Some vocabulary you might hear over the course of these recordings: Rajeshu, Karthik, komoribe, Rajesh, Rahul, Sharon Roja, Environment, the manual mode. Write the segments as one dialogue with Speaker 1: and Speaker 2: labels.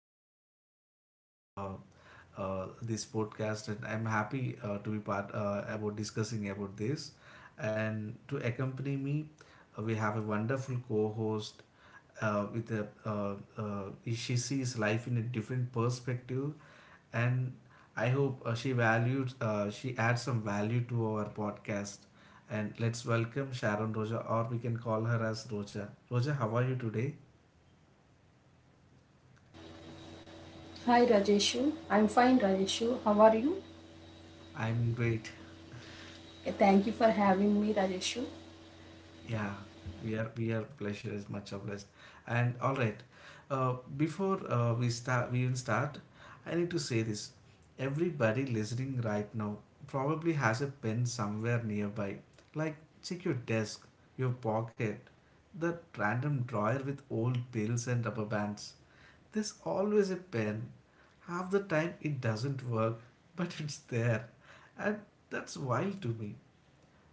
Speaker 1: excited to share this podcast, and I'm happy to be part about discussing about this. And to accompany me, we have a wonderful co-host. Uh, with a, uh, uh, she sees life in a different perspective, and I hope she adds some value to our podcast. And let's welcome Sharon Roja, or we can call her as Roja. Roja, how are you today?
Speaker 2: Hi Rajeshu, I'm fine Rajeshu. How are you?
Speaker 1: I'm great.
Speaker 2: Thank you for having me Rajeshu.
Speaker 1: Yeah, we are pleasure is much obliged. And all right, we even start, I need to say this. Everybody listening right now probably has a pen somewhere nearby. Like check your desk, your pocket, that random drawer with old bills and rubber bands. There's always a pen. Half the time it doesn't work, but it's there. And that's wild to me.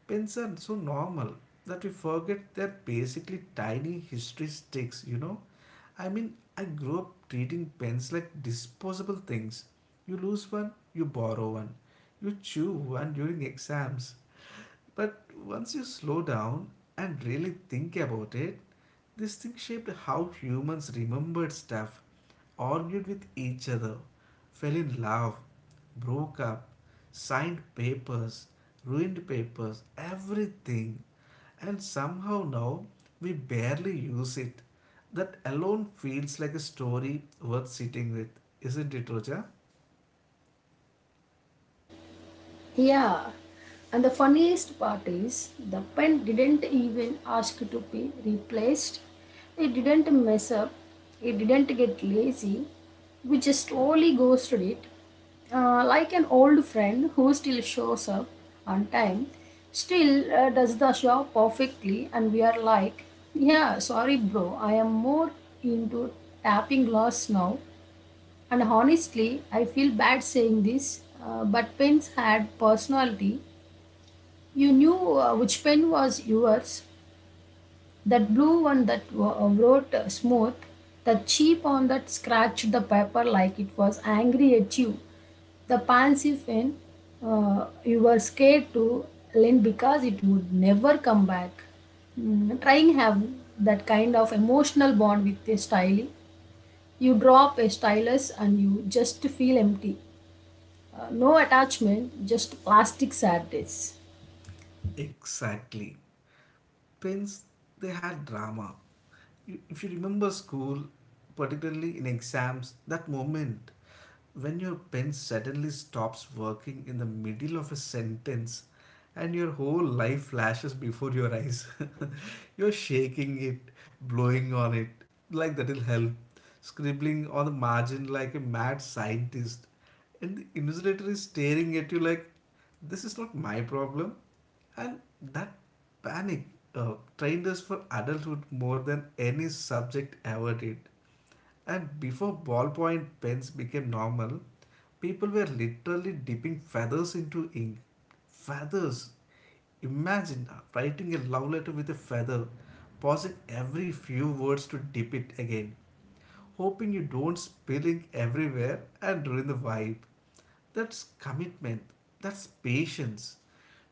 Speaker 1: Pens are so normal that we forget they're basically tiny history sticks, I mean, I grew up treating pens like disposable things. You lose one, you borrow one. You chew one during exams. But once you slow down and really think about it, this thing shaped how humans remembered stuff, argued with each other, fell in love, broke up, signed papers, ruined papers, everything. And somehow now we barely use it. That alone feels like a story worth sitting with, isn't it, Roja?
Speaker 2: Yeah, and the funniest part is the pen didn't even ask to be replaced. It didn't mess up. It didn't get lazy. We just slowly ghosted it. Like an old friend who still shows up on time, still does the job perfectly, and we are like, yeah, sorry, bro, I am more into tapping glass now and honestly, I feel bad saying this, but pens had personality. You knew which pen was yours. That blue one that wrote smooth, the cheap one that scratched the paper like it was angry at you, the pansy pen you were scared to lend because it would never come back. Trying have that kind of emotional bond with a style. You drop a stylus and you just feel empty. No attachment, just plastic sadness.
Speaker 1: Exactly. Pens, they had drama. If you remember school, particularly in exams, that moment when your pen suddenly stops working in the middle of a sentence and your whole life flashes before your eyes, you're shaking it, blowing on it like that'll help, scribbling on the margin like a mad scientist, and the invigilator is staring at you like this is not my problem. And that panic trained us for adulthood more than any subject ever did. And before ballpoint pens became normal, people were literally dipping feathers into ink. Feathers! Imagine writing a love letter with a feather, pausing every few words to dip it again, hoping you don't spill ink everywhere and ruin the vibe. That's commitment. That's patience.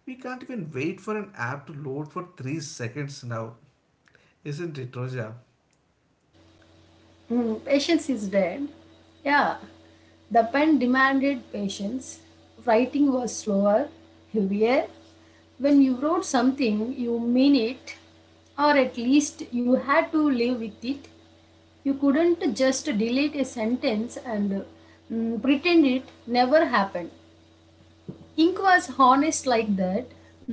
Speaker 1: We can't even wait for an app to load for 3 seconds now. Isn't it, Roja?
Speaker 2: Mm, patience is dead. Yeah, the pen demanded patience. Writing was slower, heavier. When you wrote something, you mean it, or at least you had to live with it. You couldn't just delete a sentence and pretend it never happened. Ink was honest like that.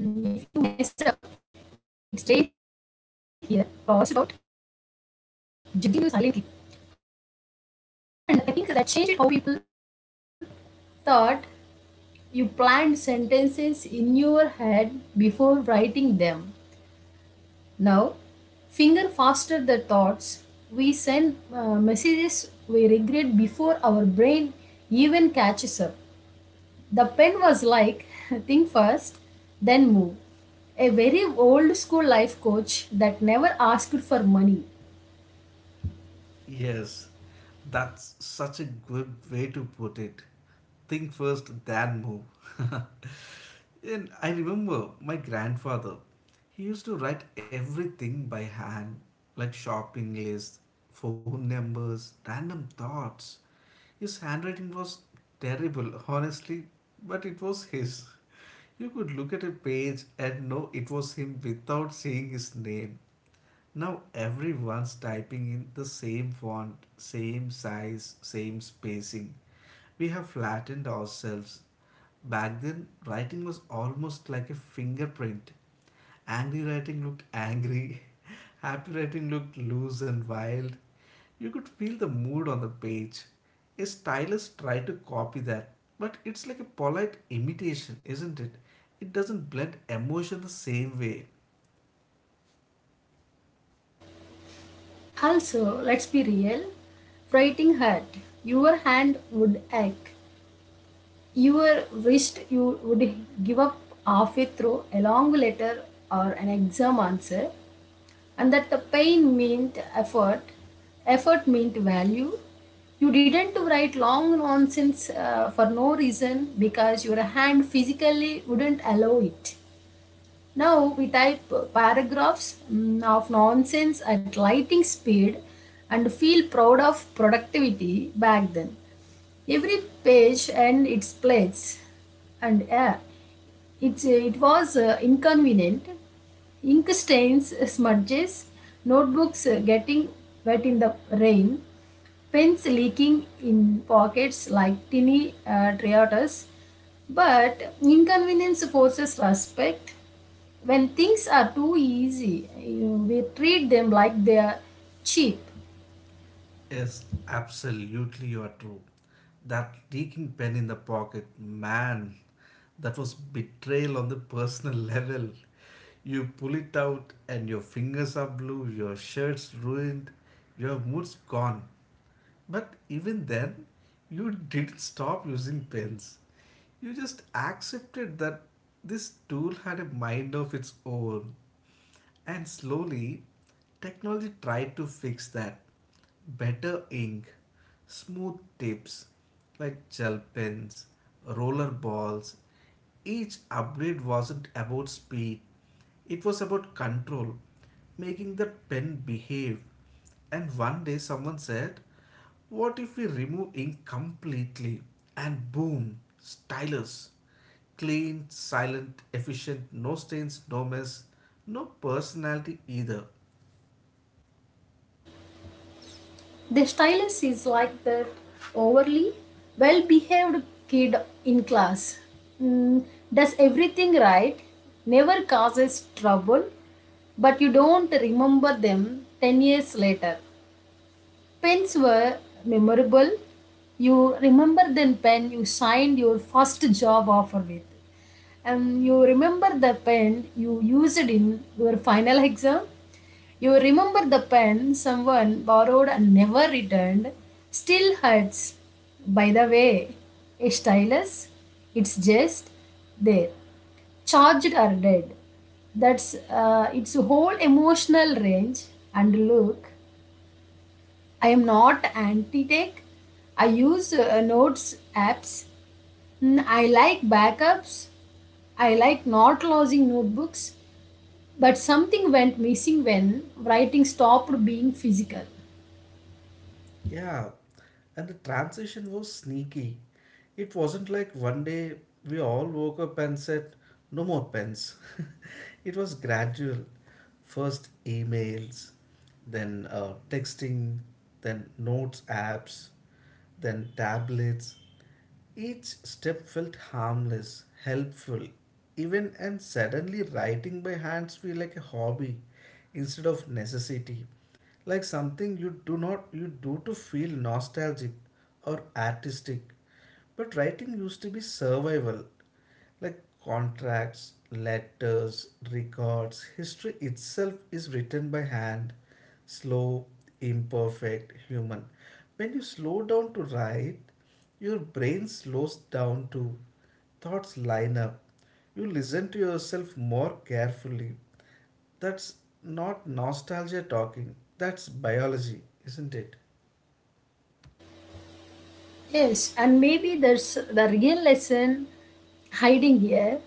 Speaker 2: If you messed up, it stayed here, crossed out, till you silently I think that changed how you thought. You planned sentences in your head before writing them. Now, finger faster the thoughts. We send messages we regret before our brain even catches up. The pen was like, think first, then move. A very old school life coach that never asked for money.
Speaker 1: Yes, that's such a good way to put it. Think first, then move. And I remember my grandfather, he used to write everything by hand, like shopping lists, phone numbers, random thoughts. His handwriting was terrible, honestly, but it was his. You could look at a page and know it was him without seeing his name. Now everyone's typing in the same font, same size, same spacing. We have flattened ourselves. Back then, writing was almost like a fingerprint. Angry writing looked angry, happy writing looked loose and wild. You could feel the mood on the page. A stylist tried to copy that, but it's like a polite imitation, isn't it? It doesn't blend emotion the same way.
Speaker 2: Also, let's be real, writing hurt. Your hand would ache. You wished you would give up halfway through a long letter or an exam answer, and that the pain meant effort, effort meant value. You didn't write long nonsense for no reason because your hand physically wouldn't allow it. Now we type paragraphs of nonsense at lightning speed and feel proud of productivity back then. Every page and its place and yeah, it was inconvenient. Ink stains, smudges, notebooks getting wet in the rain, pens leaking in pockets like tiny triotas. But inconvenience forces respect. When things are too easy, we treat them like they are cheap.
Speaker 1: Yes, absolutely, you are true. That leaking pen in the pocket, man, that was betrayal on the personal level. You pull it out, and your fingers are blue, your shirt's ruined, your mood's gone. But even then, you didn't stop using pens. You just accepted that this tool had a mind of its own. And slowly, technology tried to fix that. Better ink, smooth tips like gel pens, roller balls. Each upgrade wasn't about speed, it was about control, making the pen behave. And one day, someone said, what if we remove ink completely? And boom, stylus. Clean, silent, efficient, no stains, no mess, no personality either.
Speaker 2: The stylist is like that overly well behaved kid in class. Mm, does everything right, never causes trouble, but you don't remember them 10 years later. Pens were memorable. You remember the pen you signed your first job offer with, and you remember the pen you used in your final exam. You remember the pen someone borrowed and never returned? Still hurts. By the way, a stylus, it's just there, charged or dead. That's its whole emotional range. And look, I am not anti tech. I use notes apps. Mm, I like backups. I like not losing notebooks. But something went missing when writing stopped being physical.
Speaker 1: Yeah, and the transition was sneaky. It wasn't like one day we all woke up and said, no more pens. It was gradual. First emails, then texting, then notes apps, then tablets. Each step felt harmless, helpful, even, and suddenly writing by hands feel like a hobby instead of necessity. Like something you do not you do to feel nostalgic or artistic. But writing used to be survival, like contracts, letters, records, history itself is written by hand, slow, imperfect, human. When you slow down to write, your brain slows down too. Thoughts line up. You listen to yourself more carefully. That's not nostalgia talking, that's biology, isn't it?
Speaker 2: Yes, and maybe there's the real lesson hiding here.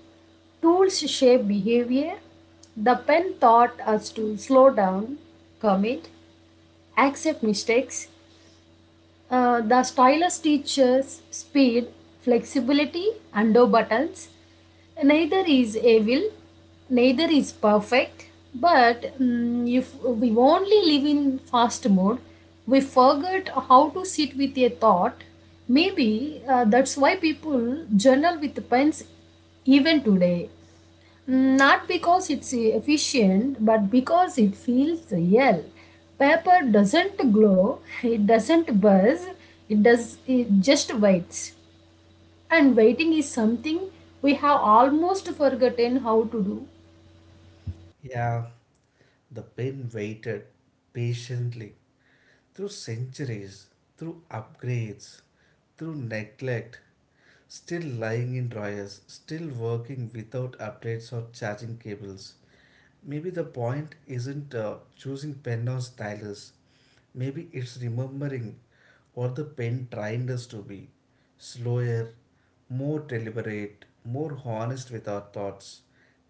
Speaker 2: Tools shape behavior. The pen taught us to slow down, commit, accept mistakes. The stylus teaches speed, flexibility, and no buttons. Neither is evil, neither is perfect. But if we only live in fast mode, we forget how to sit with a thought. Maybe that's why people journal with pens even today. Not because it's efficient, but because it feels real. Paper doesn't glow, it doesn't buzz, it does it just waits. And waiting is something we have almost forgotten how to do.
Speaker 1: Yeah, the pen waited patiently through centuries, through upgrades, through neglect, still lying in dryers, still working without updates or charging cables. Maybe the point isn't choosing pen or stylus. Maybe it's remembering what the pen trained us to be, slower, more deliberate, more honest with our thoughts.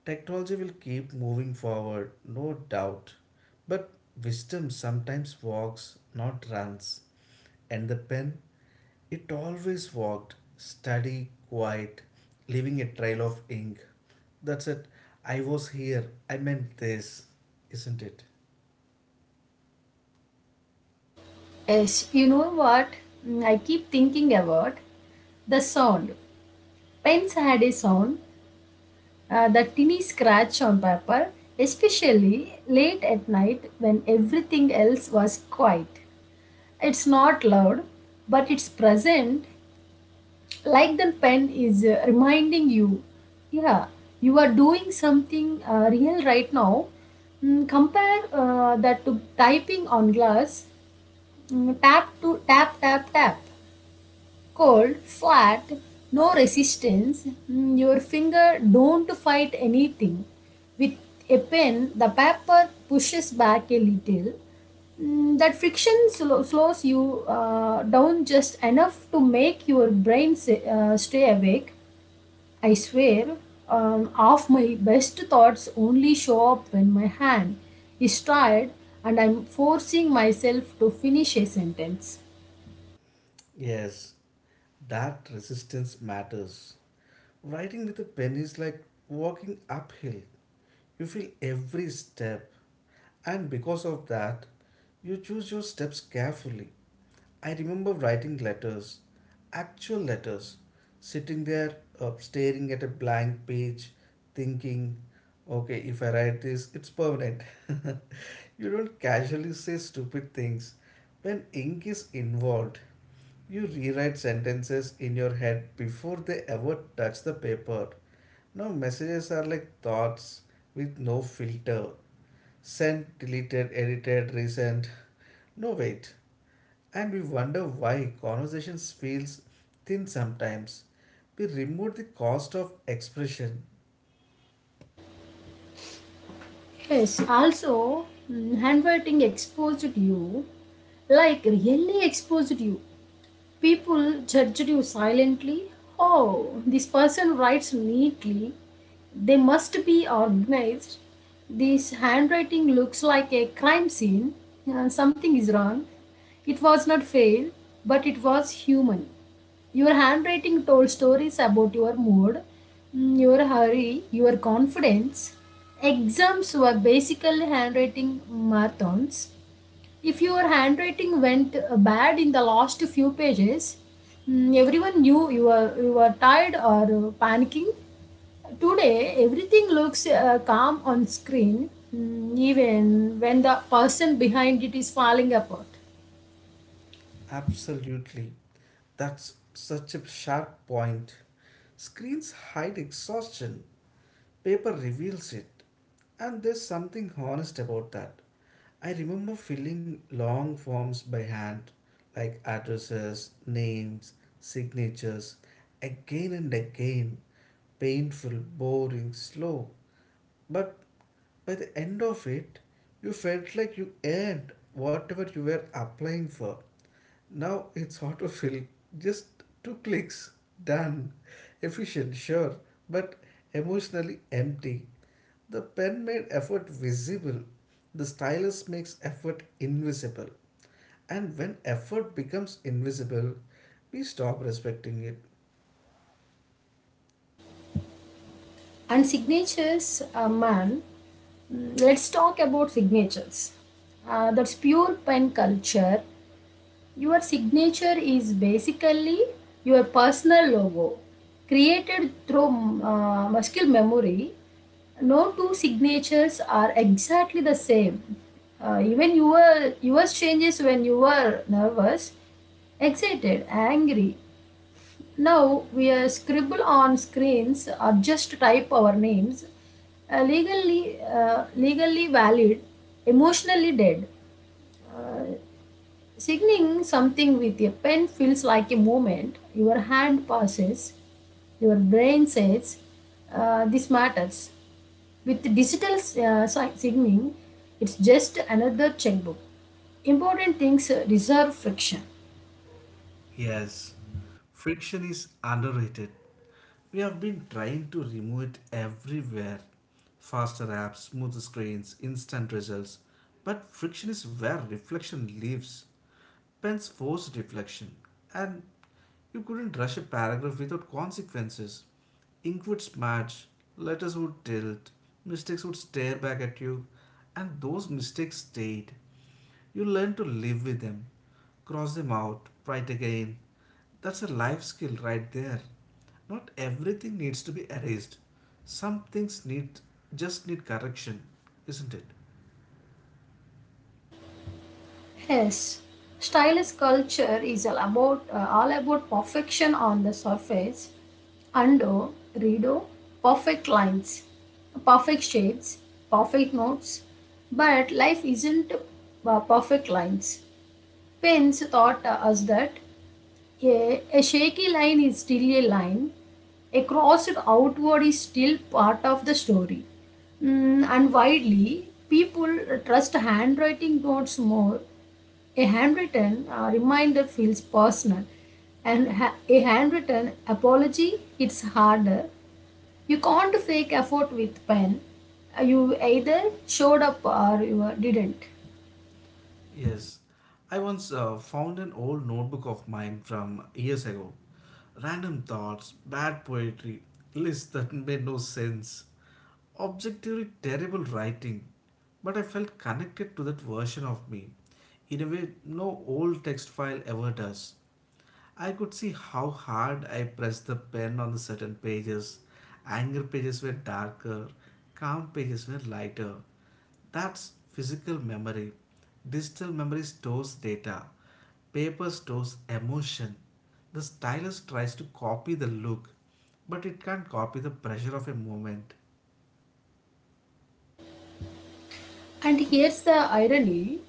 Speaker 1: Technology will keep moving forward, no doubt. But wisdom sometimes walks, not runs. And the pen? It always walked, steady, quiet, leaving a trail of ink. That's it. I was here. I meant this. Isn't it?
Speaker 2: Yes, you know what? I keep thinking about the sound. Pens had a sound, the tinny scratch on paper, especially late at night when everything else was quiet. It's not loud, but it's present, like the pen is reminding you, yeah, you are doing something real right now. Compare that to typing on glass. Mm, tap to tap tap tap. Cold, flat, no resistance. Your finger don't fight anything. With a pen, the paper pushes back a little. That friction slows you down just enough to make your brain stay awake. I swear, half my best thoughts only show up when my hand is tired and I'm forcing myself to finish a sentence.
Speaker 1: Yes, that resistance matters. Writing with a pen is like walking uphill. You feel every step, and because of that, you choose your steps carefully. I remember writing letters, actual letters, sitting there staring at a blank page, thinking, okay, if I write this, it's permanent. You don't casually say stupid things when ink is involved. You rewrite sentences in your head before they ever touch the paper. Now, messages are like thoughts with no filter, sent, deleted, edited, resent. No wait. And we wonder why conversations feels thin sometimes. We remove the cost of expression.
Speaker 2: Yes, also, handwriting exposed you, like really exposed you. People judged you silently. Oh, this person writes neatly. They must be organized. This handwriting looks like a crime scene. Something is wrong. It was not fail, but it was human. Your handwriting told stories about your mood, your hurry, your confidence. Exams were basically handwriting marathons. If your handwriting went bad in the last few pages, everyone knew you were tired or panicking. Today, everything looks calm on screen, even when the person behind it is falling apart.
Speaker 1: Absolutely. That's such a sharp point. Screens hide exhaustion. Paper reveals it, and there's something honest about that. I remember filling long forms by hand, like addresses, names, signatures, again and again. Painful, boring, slow. But by the end of it, you felt like you earned whatever you were applying for. Now it's autofill. Just two clicks. Done. Efficient, sure, but emotionally empty. The pen made effort visible. The stylus makes effort invisible. And when effort becomes invisible, we stop respecting it.
Speaker 2: And signatures, man. Let's talk about signatures. That's pure pen culture. Your signature is basically your personal logo created through muscular memory. No two signatures are exactly the same. Even your yours changes when you are nervous, excited, angry. Now we are scribble on screens or just type our names. Legally, legally valid, emotionally dead. Uh, Signing something with a pen feels like a movement. Your hand passes, your brain says, this matters. With digital signing, it's just another checkbook. Important things deserve friction.
Speaker 1: Yes, friction is underrated. We have been trying to remove it everywhere. Faster apps, smoother screens, instant results. But friction is where reflection lives. Pens forced reflection. And you couldn't rush a paragraph without consequences. Ink would smudge, letters would tilt, mistakes would stare back at you, and those mistakes stayed. You learn to live with them, cross them out, fight again. That's a life skill right there. Not everything needs to be erased. Some things need, just need correction, isn't it?
Speaker 2: Yes, stylist culture is all about perfection on the surface, undo, redo, perfect lines, perfect shapes, perfect notes. But life isn't perfect lines. Pence taught us that a shaky line is still a line, a crossed outward is still part of the story. And widely, people trust handwriting notes more. A handwritten reminder feels personal, and a handwritten apology hits harder. You can't fake effort with pen. You either showed up or you didn't.
Speaker 1: Yes, I once found an old notebook of mine from years ago. Random thoughts, bad poetry, lists that made no sense, objectively terrible writing. But I felt connected to that version of me in a way no old text file ever does. I could see how hard I pressed the pen on the certain pages. Anger pages were darker, calm pages were lighter. That's physical memory. Digital memory stores data. Paper stores emotion. The stylus tries to copy the look, but it can't copy the pressure of a moment.
Speaker 2: And here's the irony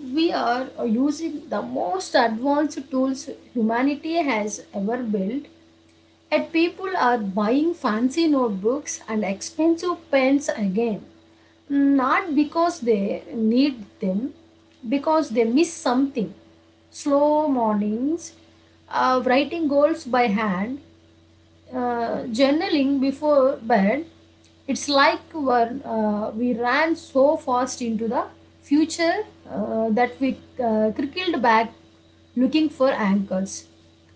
Speaker 2: we are using the most advanced tools humanity has ever built, and people are buying fancy notebooks and expensive pens again. Not because they need them, because they miss something. Slow mornings, writing goals by hand, journaling before bed. It's like when, we ran so fast into the future that we crickled back looking for anchors.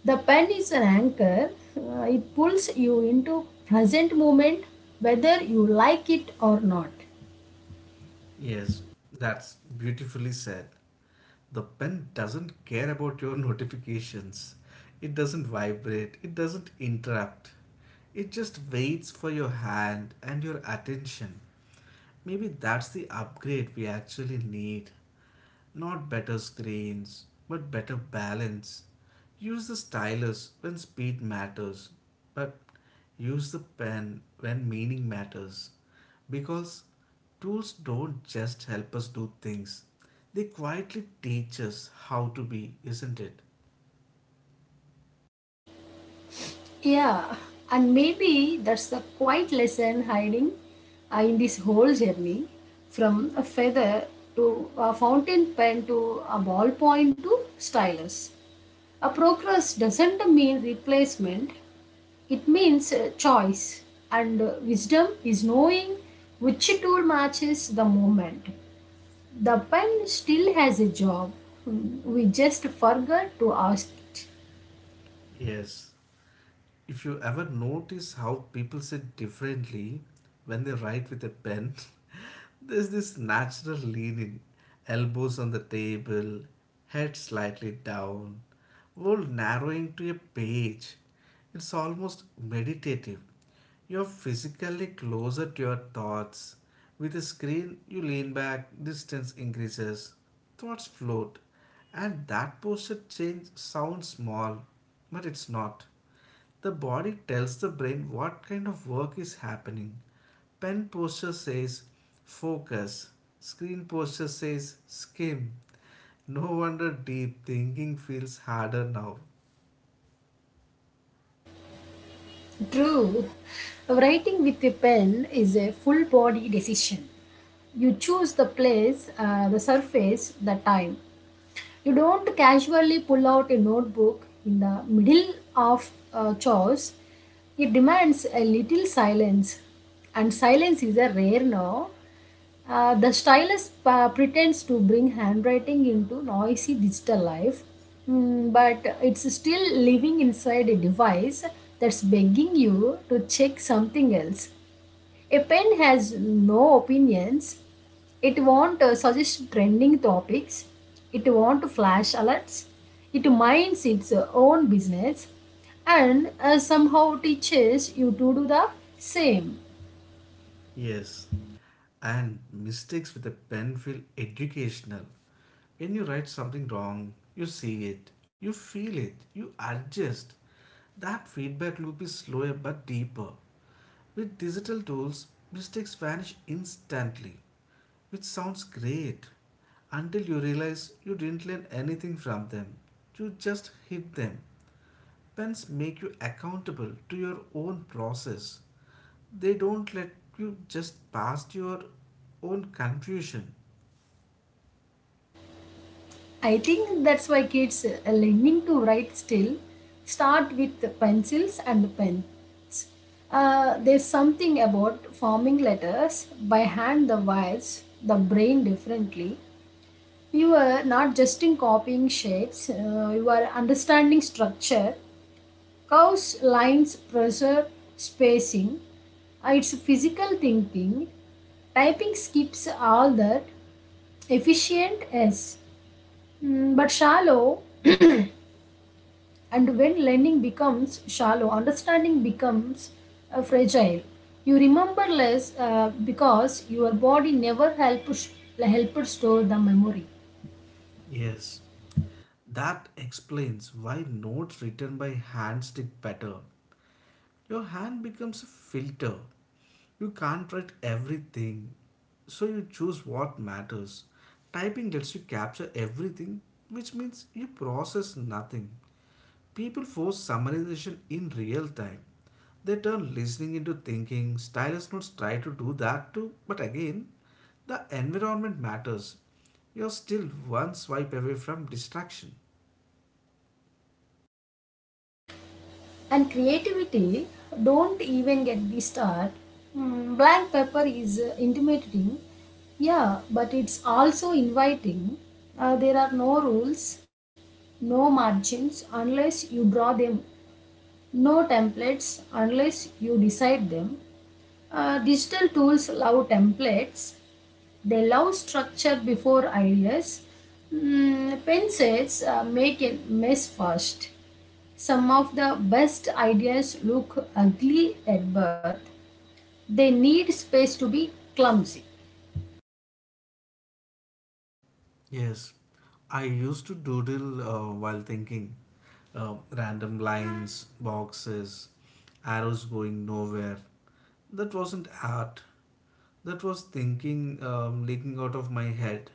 Speaker 2: The pen is an anchor. It pulls you into present moment whether you like it or not.
Speaker 1: Yes, that's beautifully said. The pen doesn't care about your notifications. It doesn't vibrate, it doesn't interrupt. It just waits for your hand and your attention. Maybe that's the upgrade we actually need. Not better screens, but better balance. Use the stylus when speed matters, but use the pen when meaning matters. Because tools don't just help us do things, they quietly teach us how to be, isn't it?
Speaker 2: Yeah, and maybe that's the quiet lesson hiding in this whole journey from a feather to a fountain pen to a ballpoint to stylus. A progress doesn't mean replacement, it means choice, and wisdom is knowing which tool matches the moment. The pen still has a job, we just forgot to ask it.
Speaker 1: Yes. If you ever notice how people sit differently when they write with a pen, there's this natural leaning, elbows on the table, head slightly down, while narrowing to a page. It's almost meditative. You're physically closer to your thoughts. With a screen, you lean back, distance increases, thoughts float, and that posture change sounds small, but it's not. The body tells the brain what kind of work is happening. Pen posture says focus, screen posture says skim. No wonder deep thinking feels harder now.
Speaker 2: True. Writing with a pen is a full body decision. You choose the place, the surface, the time. You don't casually pull out a notebook in the middle of chores. It demands a little silence, and silence is a rare now. The stylus pretends to bring handwriting into noisy digital life, but it's still living inside a device that's begging you to check something else. A pen has no opinions. It won't suggest trending topics. It won't flash alerts. It minds its own business and somehow teaches you to do the same.
Speaker 1: Yes, and mistakes with a pen feel educational. When you write something wrong, you see it, you feel it, you adjust. That feedback loop is slower but deeper. With digital tools, mistakes vanish instantly, which sounds great until you realize you didn't learn anything from them. You just hit them. Pens make you accountable to your own process. They don't let you just past your own confusion.
Speaker 2: I think that's why kids are learning to write still start with the pencils and the pens. There's something about forming letters by hand, that wires, the brain differently. You are not just in copying shapes, you are understanding structure, curves, lines, pressure, spacing. It's physical thinking. Typing skips all that. Efficient, yes, but shallow. And when learning becomes shallow, understanding becomes fragile. You remember less because your body never helped store the memory.
Speaker 1: Yes, that explains why notes written by hand stick better. Your hand becomes a filter. You can't write everything, so you choose what matters. Typing lets you capture everything, which means you process nothing. People force summarization in real time. They turn listening into thinking. Stylus notes try to do that too, but again, the environment matters. You're still one swipe away from distraction.
Speaker 2: And creativity, don't even get me start. Blank paper is intimidating, yeah, but it's also inviting. There are no rules, no margins unless you draw them. No templates unless you decide them. Digital tools love templates. They love structure before ideas. Pen says make a mess first. Some of the best ideas look ugly at birth. They need space to be clumsy.
Speaker 1: Yes, I used to doodle while thinking. Random lines, boxes, arrows going nowhere. That wasn't art. That was thinking leaking out of my head.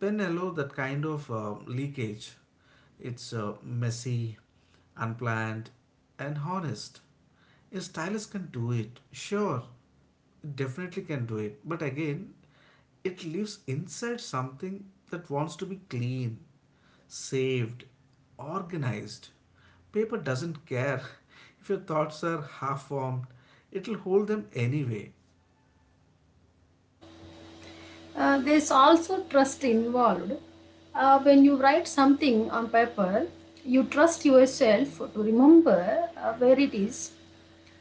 Speaker 1: Pen allow that kind of leakage. It's messy, unplanned, and honest. A stylist can do it, sure, it definitely can do it. But again, it lives inside something that wants to be clean, saved, organized. Paper doesn't care if your thoughts are half formed, it'll hold them anyway.
Speaker 2: There's also trust involved. When you write something on paper, you trust yourself to remember where it is.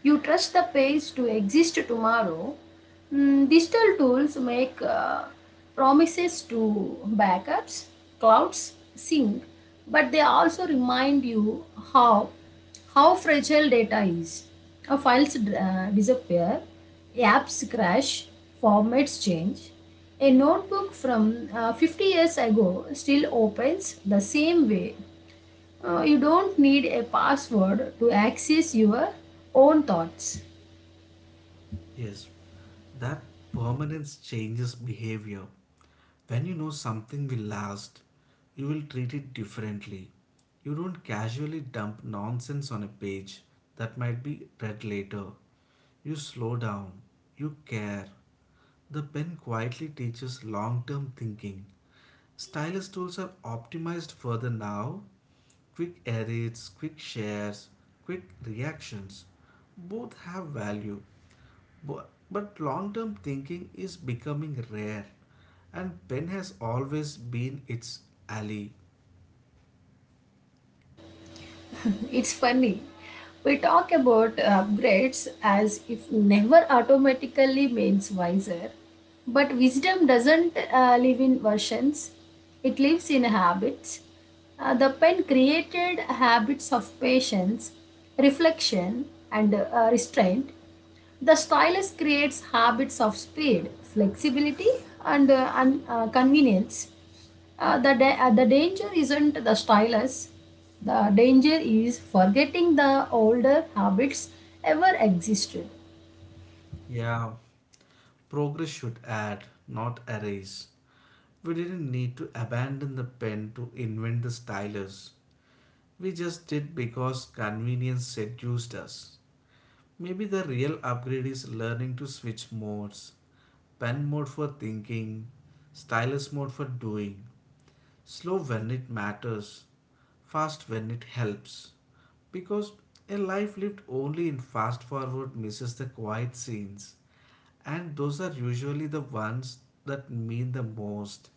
Speaker 2: You trust the page to exist tomorrow. Digital tools make promises to backups, clouds, sync, but they also remind you how how fragile data is. Our files disappear, apps crash, formats change. A notebook from 50 years ago still opens the same way. You don't need a password to access your own thoughts.
Speaker 1: Yes, that permanence changes behavior. When you know something will last, you will treat it differently. You don't casually dump nonsense on a page that might be read later. You slow down. You care. The pen quietly teaches long term thinking. Stylus tools are optimized further now. Quick edits, quick shares, quick reactions. Both have value. Bu- But long term thinking is becoming rare, and pen has always been its ally.
Speaker 2: It's funny. We talk about upgrades as if never automatically means wiser, but wisdom doesn't live in versions, it lives in habits. The pen created habits of patience, reflection, and restraint. The stylus creates habits of speed, flexibility, and, convenience. The danger isn't the stylus, the danger is forgetting the older habits ever existed.
Speaker 1: Yeah, progress should add, not erase. We didn't need to abandon the pen to invent the stylus. We just did because convenience seduced us. Maybe the real upgrade is learning to switch modes, pen mode for thinking, stylus mode for doing, slow when it matters, fast when it helps. Because a life lived only in fast forward misses the quiet scenes, and those are usually the ones that mean the most.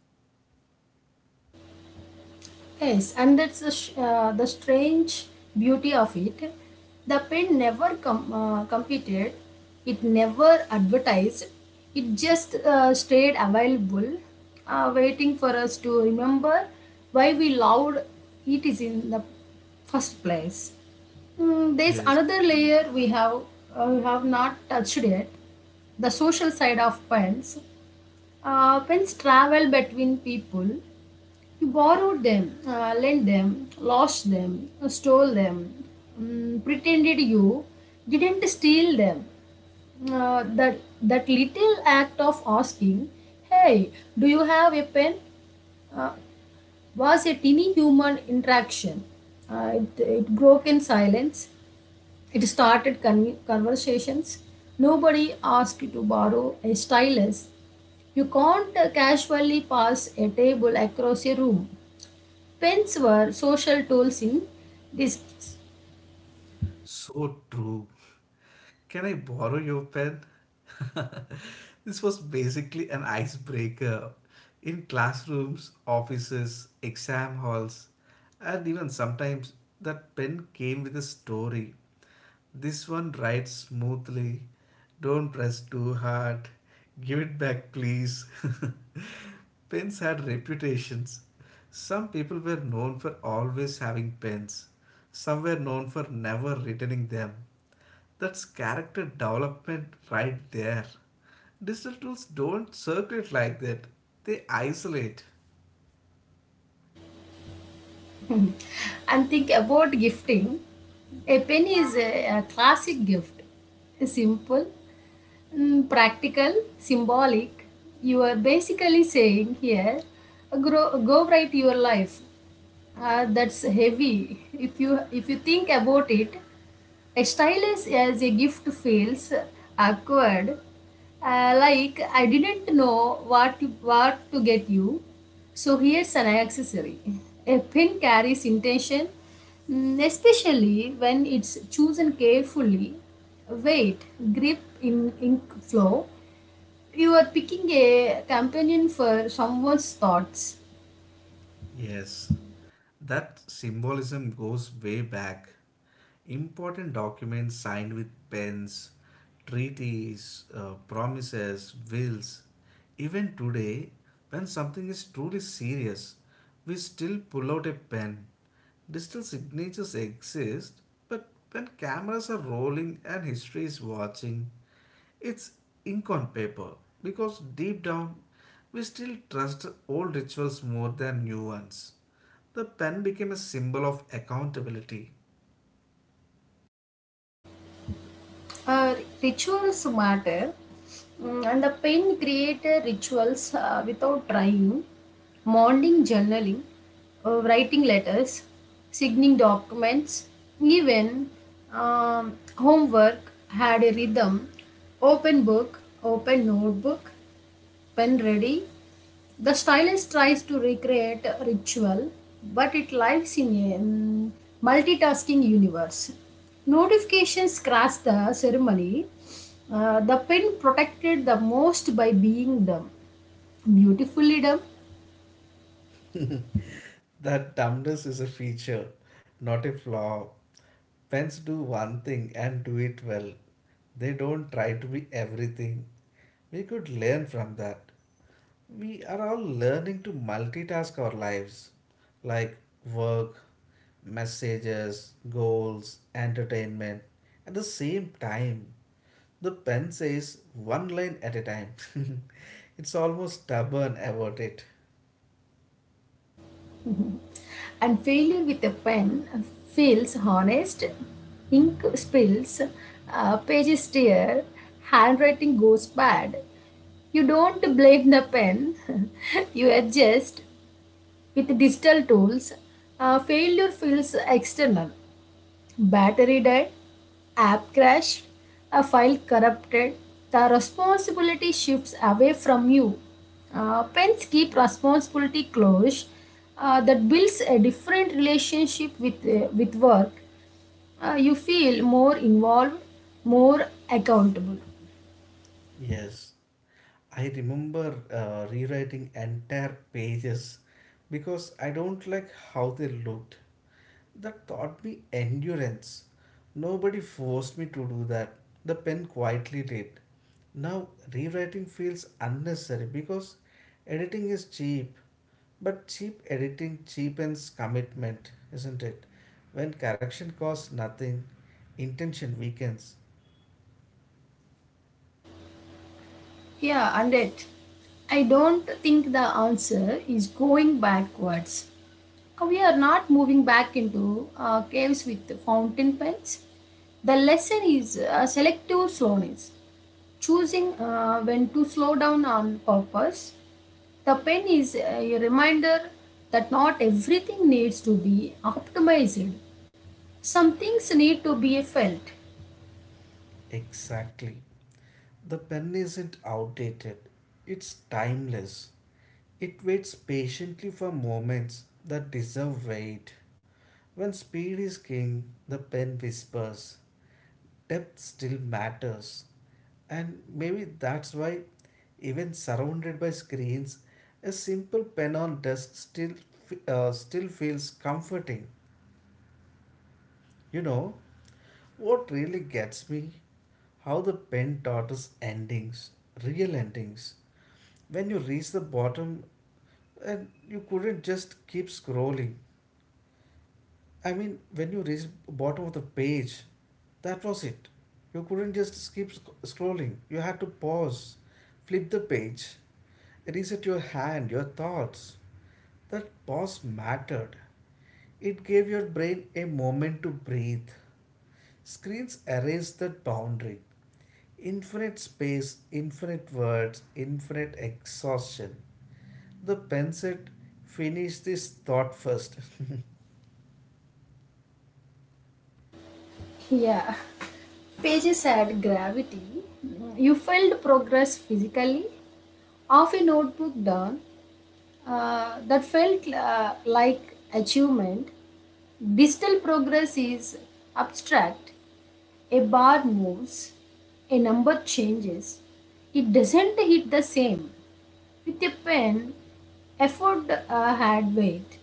Speaker 2: Yes, and that's the strange beauty of it. The pen never competed, it never advertised, it just stayed available, waiting for us to remember why we loved it is in the first place. There's
Speaker 1: Yes.
Speaker 2: another layer we have not touched yet. The social side of pens. Pens travel between people. You borrowed them, lent them, lost them, stole them, pretended you didn't steal them. That little act of asking, "Hey, do you have a pen?" uh, was a tiny human interaction. It broke in silence. It started conversations. Nobody asked you to borrow a stylus. You can't casually pass a table across a room. Pens were social tools in this.
Speaker 1: So true. Can I borrow your pen? This was basically an icebreaker in classrooms, offices, exam halls, and even sometimes that pen came with a story. This one writes smoothly. Don't press too hard. Give it back, please. Pens had reputations. Some people were known for always having pens. Some were known for never returning them. That's character development right there. Digital tools don't circulate like that, they isolate.
Speaker 2: And think about gifting. A pen is a classic gift. Simple, practical, symbolic. You are basically saying, "Here, grow, go write your life." That's heavy. If you think about it, a stylus as a gift feels awkward. Like, I didn't know what to get you, so here's an accessory. A pin carries intention, especially when it's chosen carefully. Weight, grip, in ink flow. You are picking a companion for someone's thoughts.
Speaker 1: Yes, that symbolism goes way back. Important documents signed with pens, treaties, promises, wills. Even today, when something is truly serious, we still pull out a pen. Digital signatures exist, but when cameras are rolling and history is watching, it's ink on paper because deep down we still trust old rituals more than new ones. The pen became a symbol of accountability.
Speaker 2: Uh, Rituals matter. And the pen created rituals without trying. Morning journaling, writing letters, signing documents, even homework had a rhythm. Open book, open notebook, pen ready. The stylist tries to recreate a ritual, but it lives in a multitasking universe. Notifications crash the ceremony. The pin protected the most by being dumb, beautifully dumb.
Speaker 1: That dumbness is a feature, not a flaw. Pens do one thing and do it well. They don't try to be everything. We could learn from that. We are all learning to multitask our lives like work, messages, goals, entertainment at the same time. The pen says one line at a time. It's almost stubborn about it.
Speaker 2: And failure with a pen feels honest. Ink spills, pages tear, handwriting goes bad. You don't blame the pen, you adjust. With digital tools, failure feels external. Battery died, app crashed, a file corrupted. The responsibility shifts away from you. Pens keep responsibility close. That builds a different relationship with work. You feel more involved, more accountable.
Speaker 1: Yes, I remember rewriting entire pages because I don't like how they looked. That taught me endurance. Nobody forced me to do that. The pen quietly did. Now, rewriting feels unnecessary because editing is cheap. But cheap editing cheapens commitment, isn't it? When correction costs nothing, intention weakens.
Speaker 2: Yeah, and it. I don't think the answer is going backwards. We are not moving back into caves with fountain pens. The lesson is selective slowness, choosing when to slow down on purpose. The pen is a reminder that not everything needs to be optimized. Some things need to be felt.
Speaker 1: Exactly. The pen isn't outdated, it's timeless. It waits patiently for moments that deserve weight. When speed is king, the pen whispers, depth still matters. And maybe that's why, even surrounded by screens, a simple pen on desk still feels comforting. You know, what really gets me? How the pen taught us endings, real endings. When you reach the bottom and you couldn't just keep scrolling, I mean, when you reach bottom of the page, that was it. You couldn't just keep scrolling. You had to pause, flip the page, reset your hand, your thoughts. That pause mattered. It gave your brain a moment to breathe. Screens erased that boundary. Infinite space, infinite words, infinite exhaustion. The pen said, finish this thought first.
Speaker 2: Yeah. Pages had gravity. You felt progress physically. Half a notebook down, that felt like achievement. Digital progress is abstract. A bar moves, a number changes. It doesn't hit the same. With a pen, effort had weight.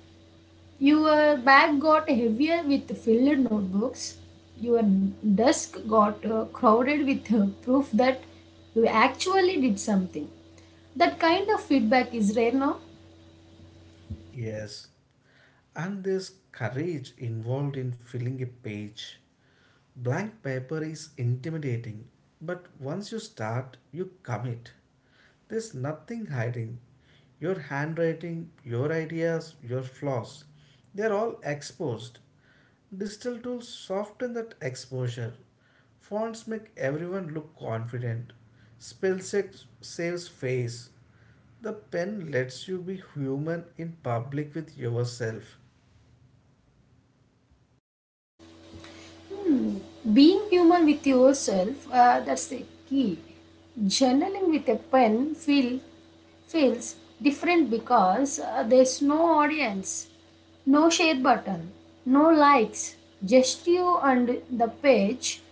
Speaker 2: Your bag got heavier with filled notebooks. Your desk got crowded with proof that you actually did something. That kind of feedback is rare now.
Speaker 1: Yes, and there's courage involved in filling a page. Blank paper is intimidating, but once you start, you commit. There's nothing hiding. Your handwriting, your ideas, your flaws, they're all exposed. Digital tools soften that exposure. Fonts make everyone look confident. Spell check saves face. The pen lets you be human in public with yourself.
Speaker 2: Being human with yourself, that's the key. Journaling with a pen feels different because there's no audience, no share button, no likes, just you and the page.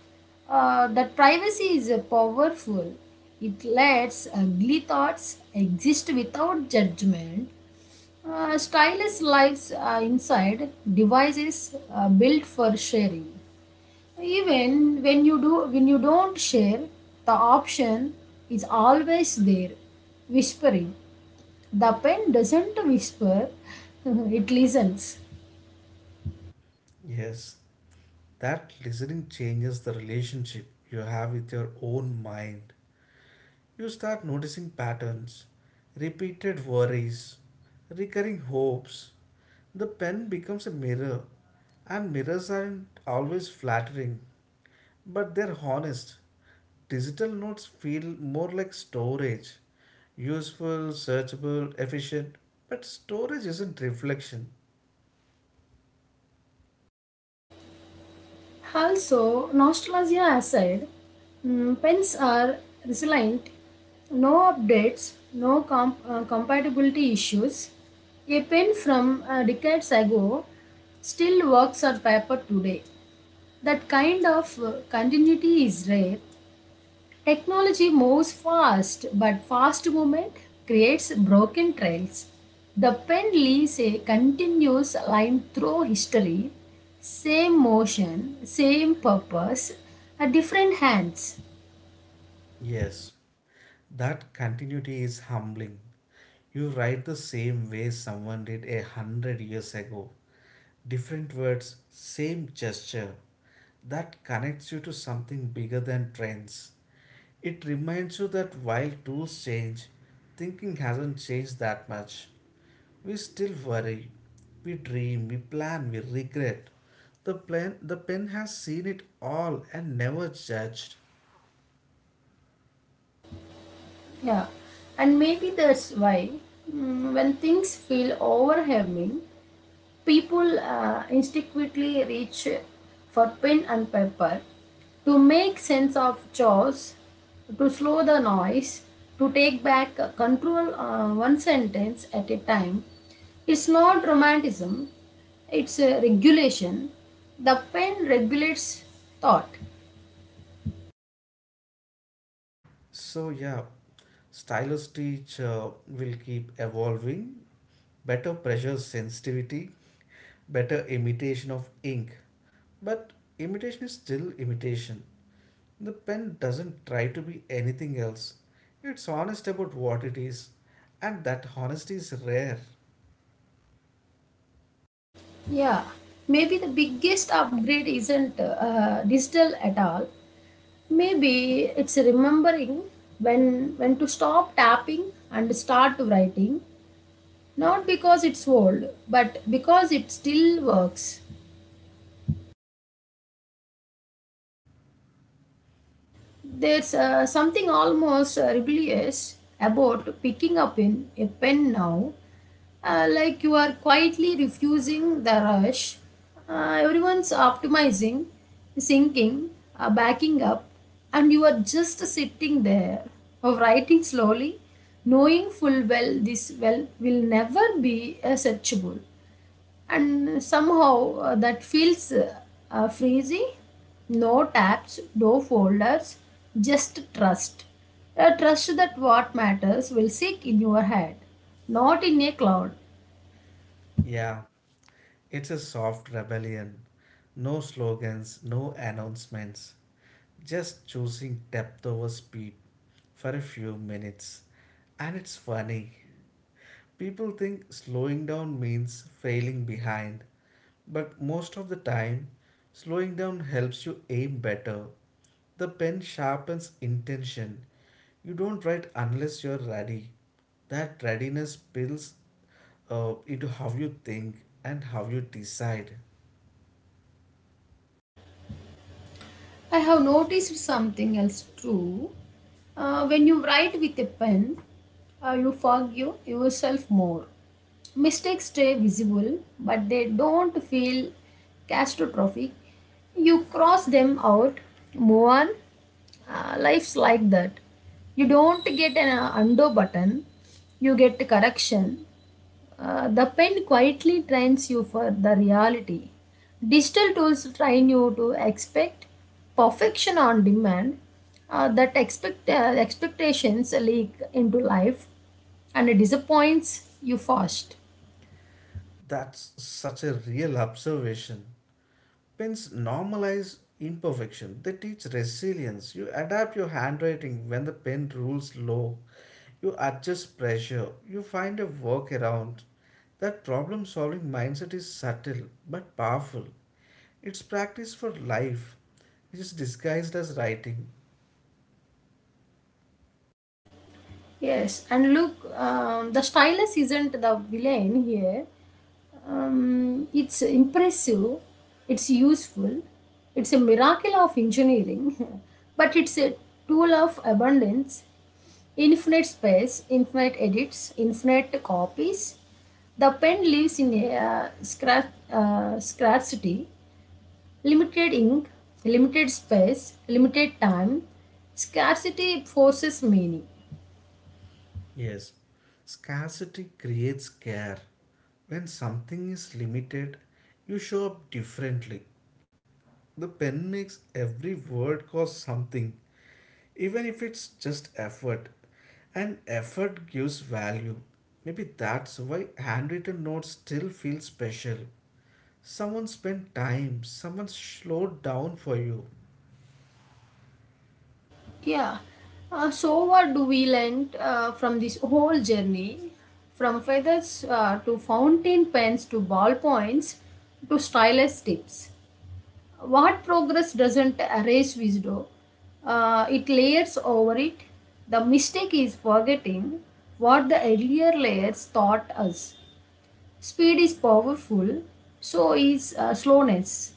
Speaker 2: That privacy is powerful. It lets ugly thoughts exist without judgment. Stylish lives inside devices built for sharing. Even when you don't share, the option is always there, whispering. The pen doesn't whisper, it listens.
Speaker 1: Yes, that listening changes the relationship you have with your own mind. You start noticing patterns, repeated worries, recurring hopes. The pen becomes a mirror, and mirrors aren't always flattering, but they're honest. Digital notes feel more like storage, useful, searchable, efficient. But storage isn't reflection.
Speaker 2: Also, nostalgia aside, pens are resilient. No updates, no compatibility issues. A pen from decades ago still works on paper today. That kind of continuity is rare. Technology moves fast, but fast movement creates broken trails. The pen leaves a continuous line through history, same motion, same purpose, at different hands.
Speaker 1: Yes, that continuity is humbling. You write the same way someone did a hundred years ago. Different words, same gesture. That connects you to something bigger than trends. It reminds you that while tools change, thinking hasn't changed that much. We still worry, we dream, we plan, we regret. The plan, the pen has seen it all and never judged.
Speaker 2: Yeah, and maybe that's why, when things feel overwhelming, people instinctively reach for pen and paper, to make sense of chores, to slow the noise, to take back control one sentence at a time. It's not romanticism, it's a regulation. The pen regulates thought.
Speaker 1: So yeah, stylus teach will keep evolving. Better pressure sensitivity, better imitation of ink. But imitation is still imitation. The pen doesn't try to be anything else. It's honest about what it is, and that honesty is rare.
Speaker 2: Yeah, maybe the biggest upgrade isn't digital at all. Maybe it's remembering when to stop tapping and start writing, not because it's old, but because it still works. There's something almost rebellious about picking up in a pen now, like you are quietly refusing the rush. Everyone's optimizing, sinking, backing up, and you are just sitting there or writing slowly, knowing full well this well will never be searchable, and somehow that feels freezy. No tabs, no folders, just trust. A trust that what matters will seek in your head, not in a cloud.
Speaker 1: Yeah, it's a soft rebellion. No slogans, no announcements, just choosing depth over speed for a few minutes. And it's funny. People think slowing down means failing behind, but most of the time, slowing down helps you aim better. The pen sharpens intention. You don't write unless you're ready. That readiness spills into how you think and how you decide.
Speaker 2: I have noticed something else too. When you write with a pen, you forgive yourself more. Mistakes stay visible, but they don't feel catastrophic. You cross them out, move on. Life's like that. You don't get an undo button, you get correction. The pen quietly trains you for the reality. Digital tools train you to expect perfection on demand. That expect Expectations leak into life, and it disappoints you fast.
Speaker 1: That's such a real observation. Pens normalize imperfection. They teach resilience. You adapt your handwriting when the pen rules low. You adjust pressure. You find a workaround. That problem solving mindset is subtle but powerful. It's practice for life, which is disguised as writing.
Speaker 2: Yes, and look, the stylus isn't the villain here. It's impressive, it's useful, it's a miracle of engineering, but it's a tool of abundance, infinite space, infinite edits, infinite copies. The pen lives in a scarcity, limited ink, limited space, limited time. Scarcity forces meaning.
Speaker 1: Yes, scarcity creates care. When something is limited, you show up differently. The pen makes every word cost something, even if it's just effort. And effort gives value. Maybe that's why handwritten notes still feel special. Someone spent time, someone slowed down for you.
Speaker 2: Yeah. So, what do we learn from this whole journey? From feathers to fountain pens to ballpoints to stylus tips. What progress doesn't erase wisdom? It layers over it. The mistake is forgetting what the earlier layers taught us. Speed is powerful, so is slowness.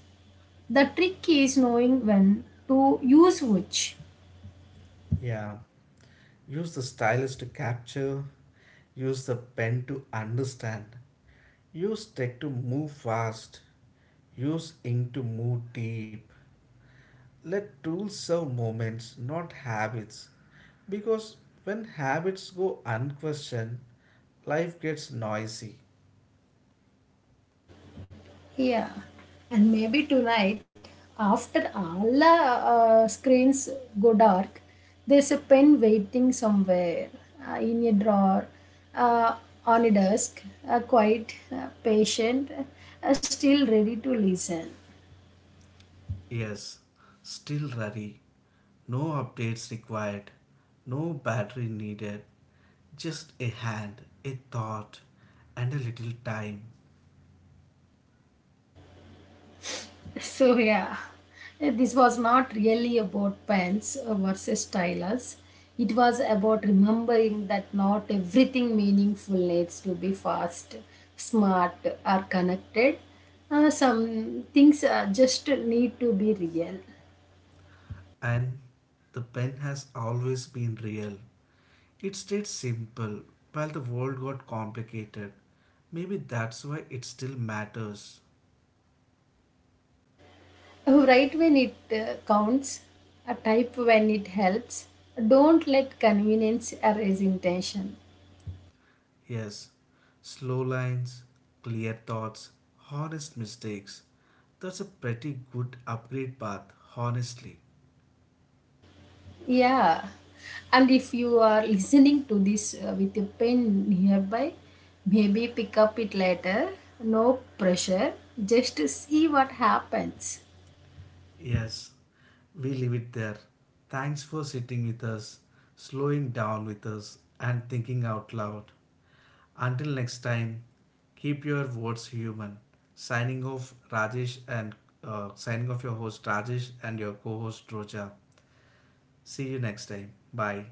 Speaker 2: The trick is knowing when to use which.
Speaker 1: Yeah. Use the stylus to capture, use the pen to understand, use tech to move fast, use ink to move deep. Let tools serve moments, not habits. Because when habits go unquestioned, life gets noisy.
Speaker 2: Yeah, and maybe tonight, after all the screens go dark, there's a pen waiting somewhere, in a drawer, uh, on a desk, quite patient, still ready to listen.
Speaker 1: Yes, still ready. No updates required. No battery needed. Just a hand, a thought, and a little time.
Speaker 2: So yeah. This was not really about pens versus stylus. It was about remembering that not everything meaningful needs to be fast, smart, or connected. Some things just need to be real.
Speaker 1: And the pen has always been real. It stayed simple while the world got complicated. Maybe that's why it still matters.
Speaker 2: Write when it counts, type when it helps. Don't let convenience erase intention.
Speaker 1: Yes, slow lines, clear thoughts, honest mistakes. That's a pretty good upgrade path, honestly.
Speaker 2: Yeah. And if you are listening to this with a pen nearby, maybe pick up it later. No pressure. Just see what happens.
Speaker 1: Yes, we leave it there. Thanks for sitting with us, slowing down with us, and thinking out loud. Until next time, keep your words human. Signing off, Rajesh, and signing off your host, Rajesh, and your co host, Roja. See you next time. Bye.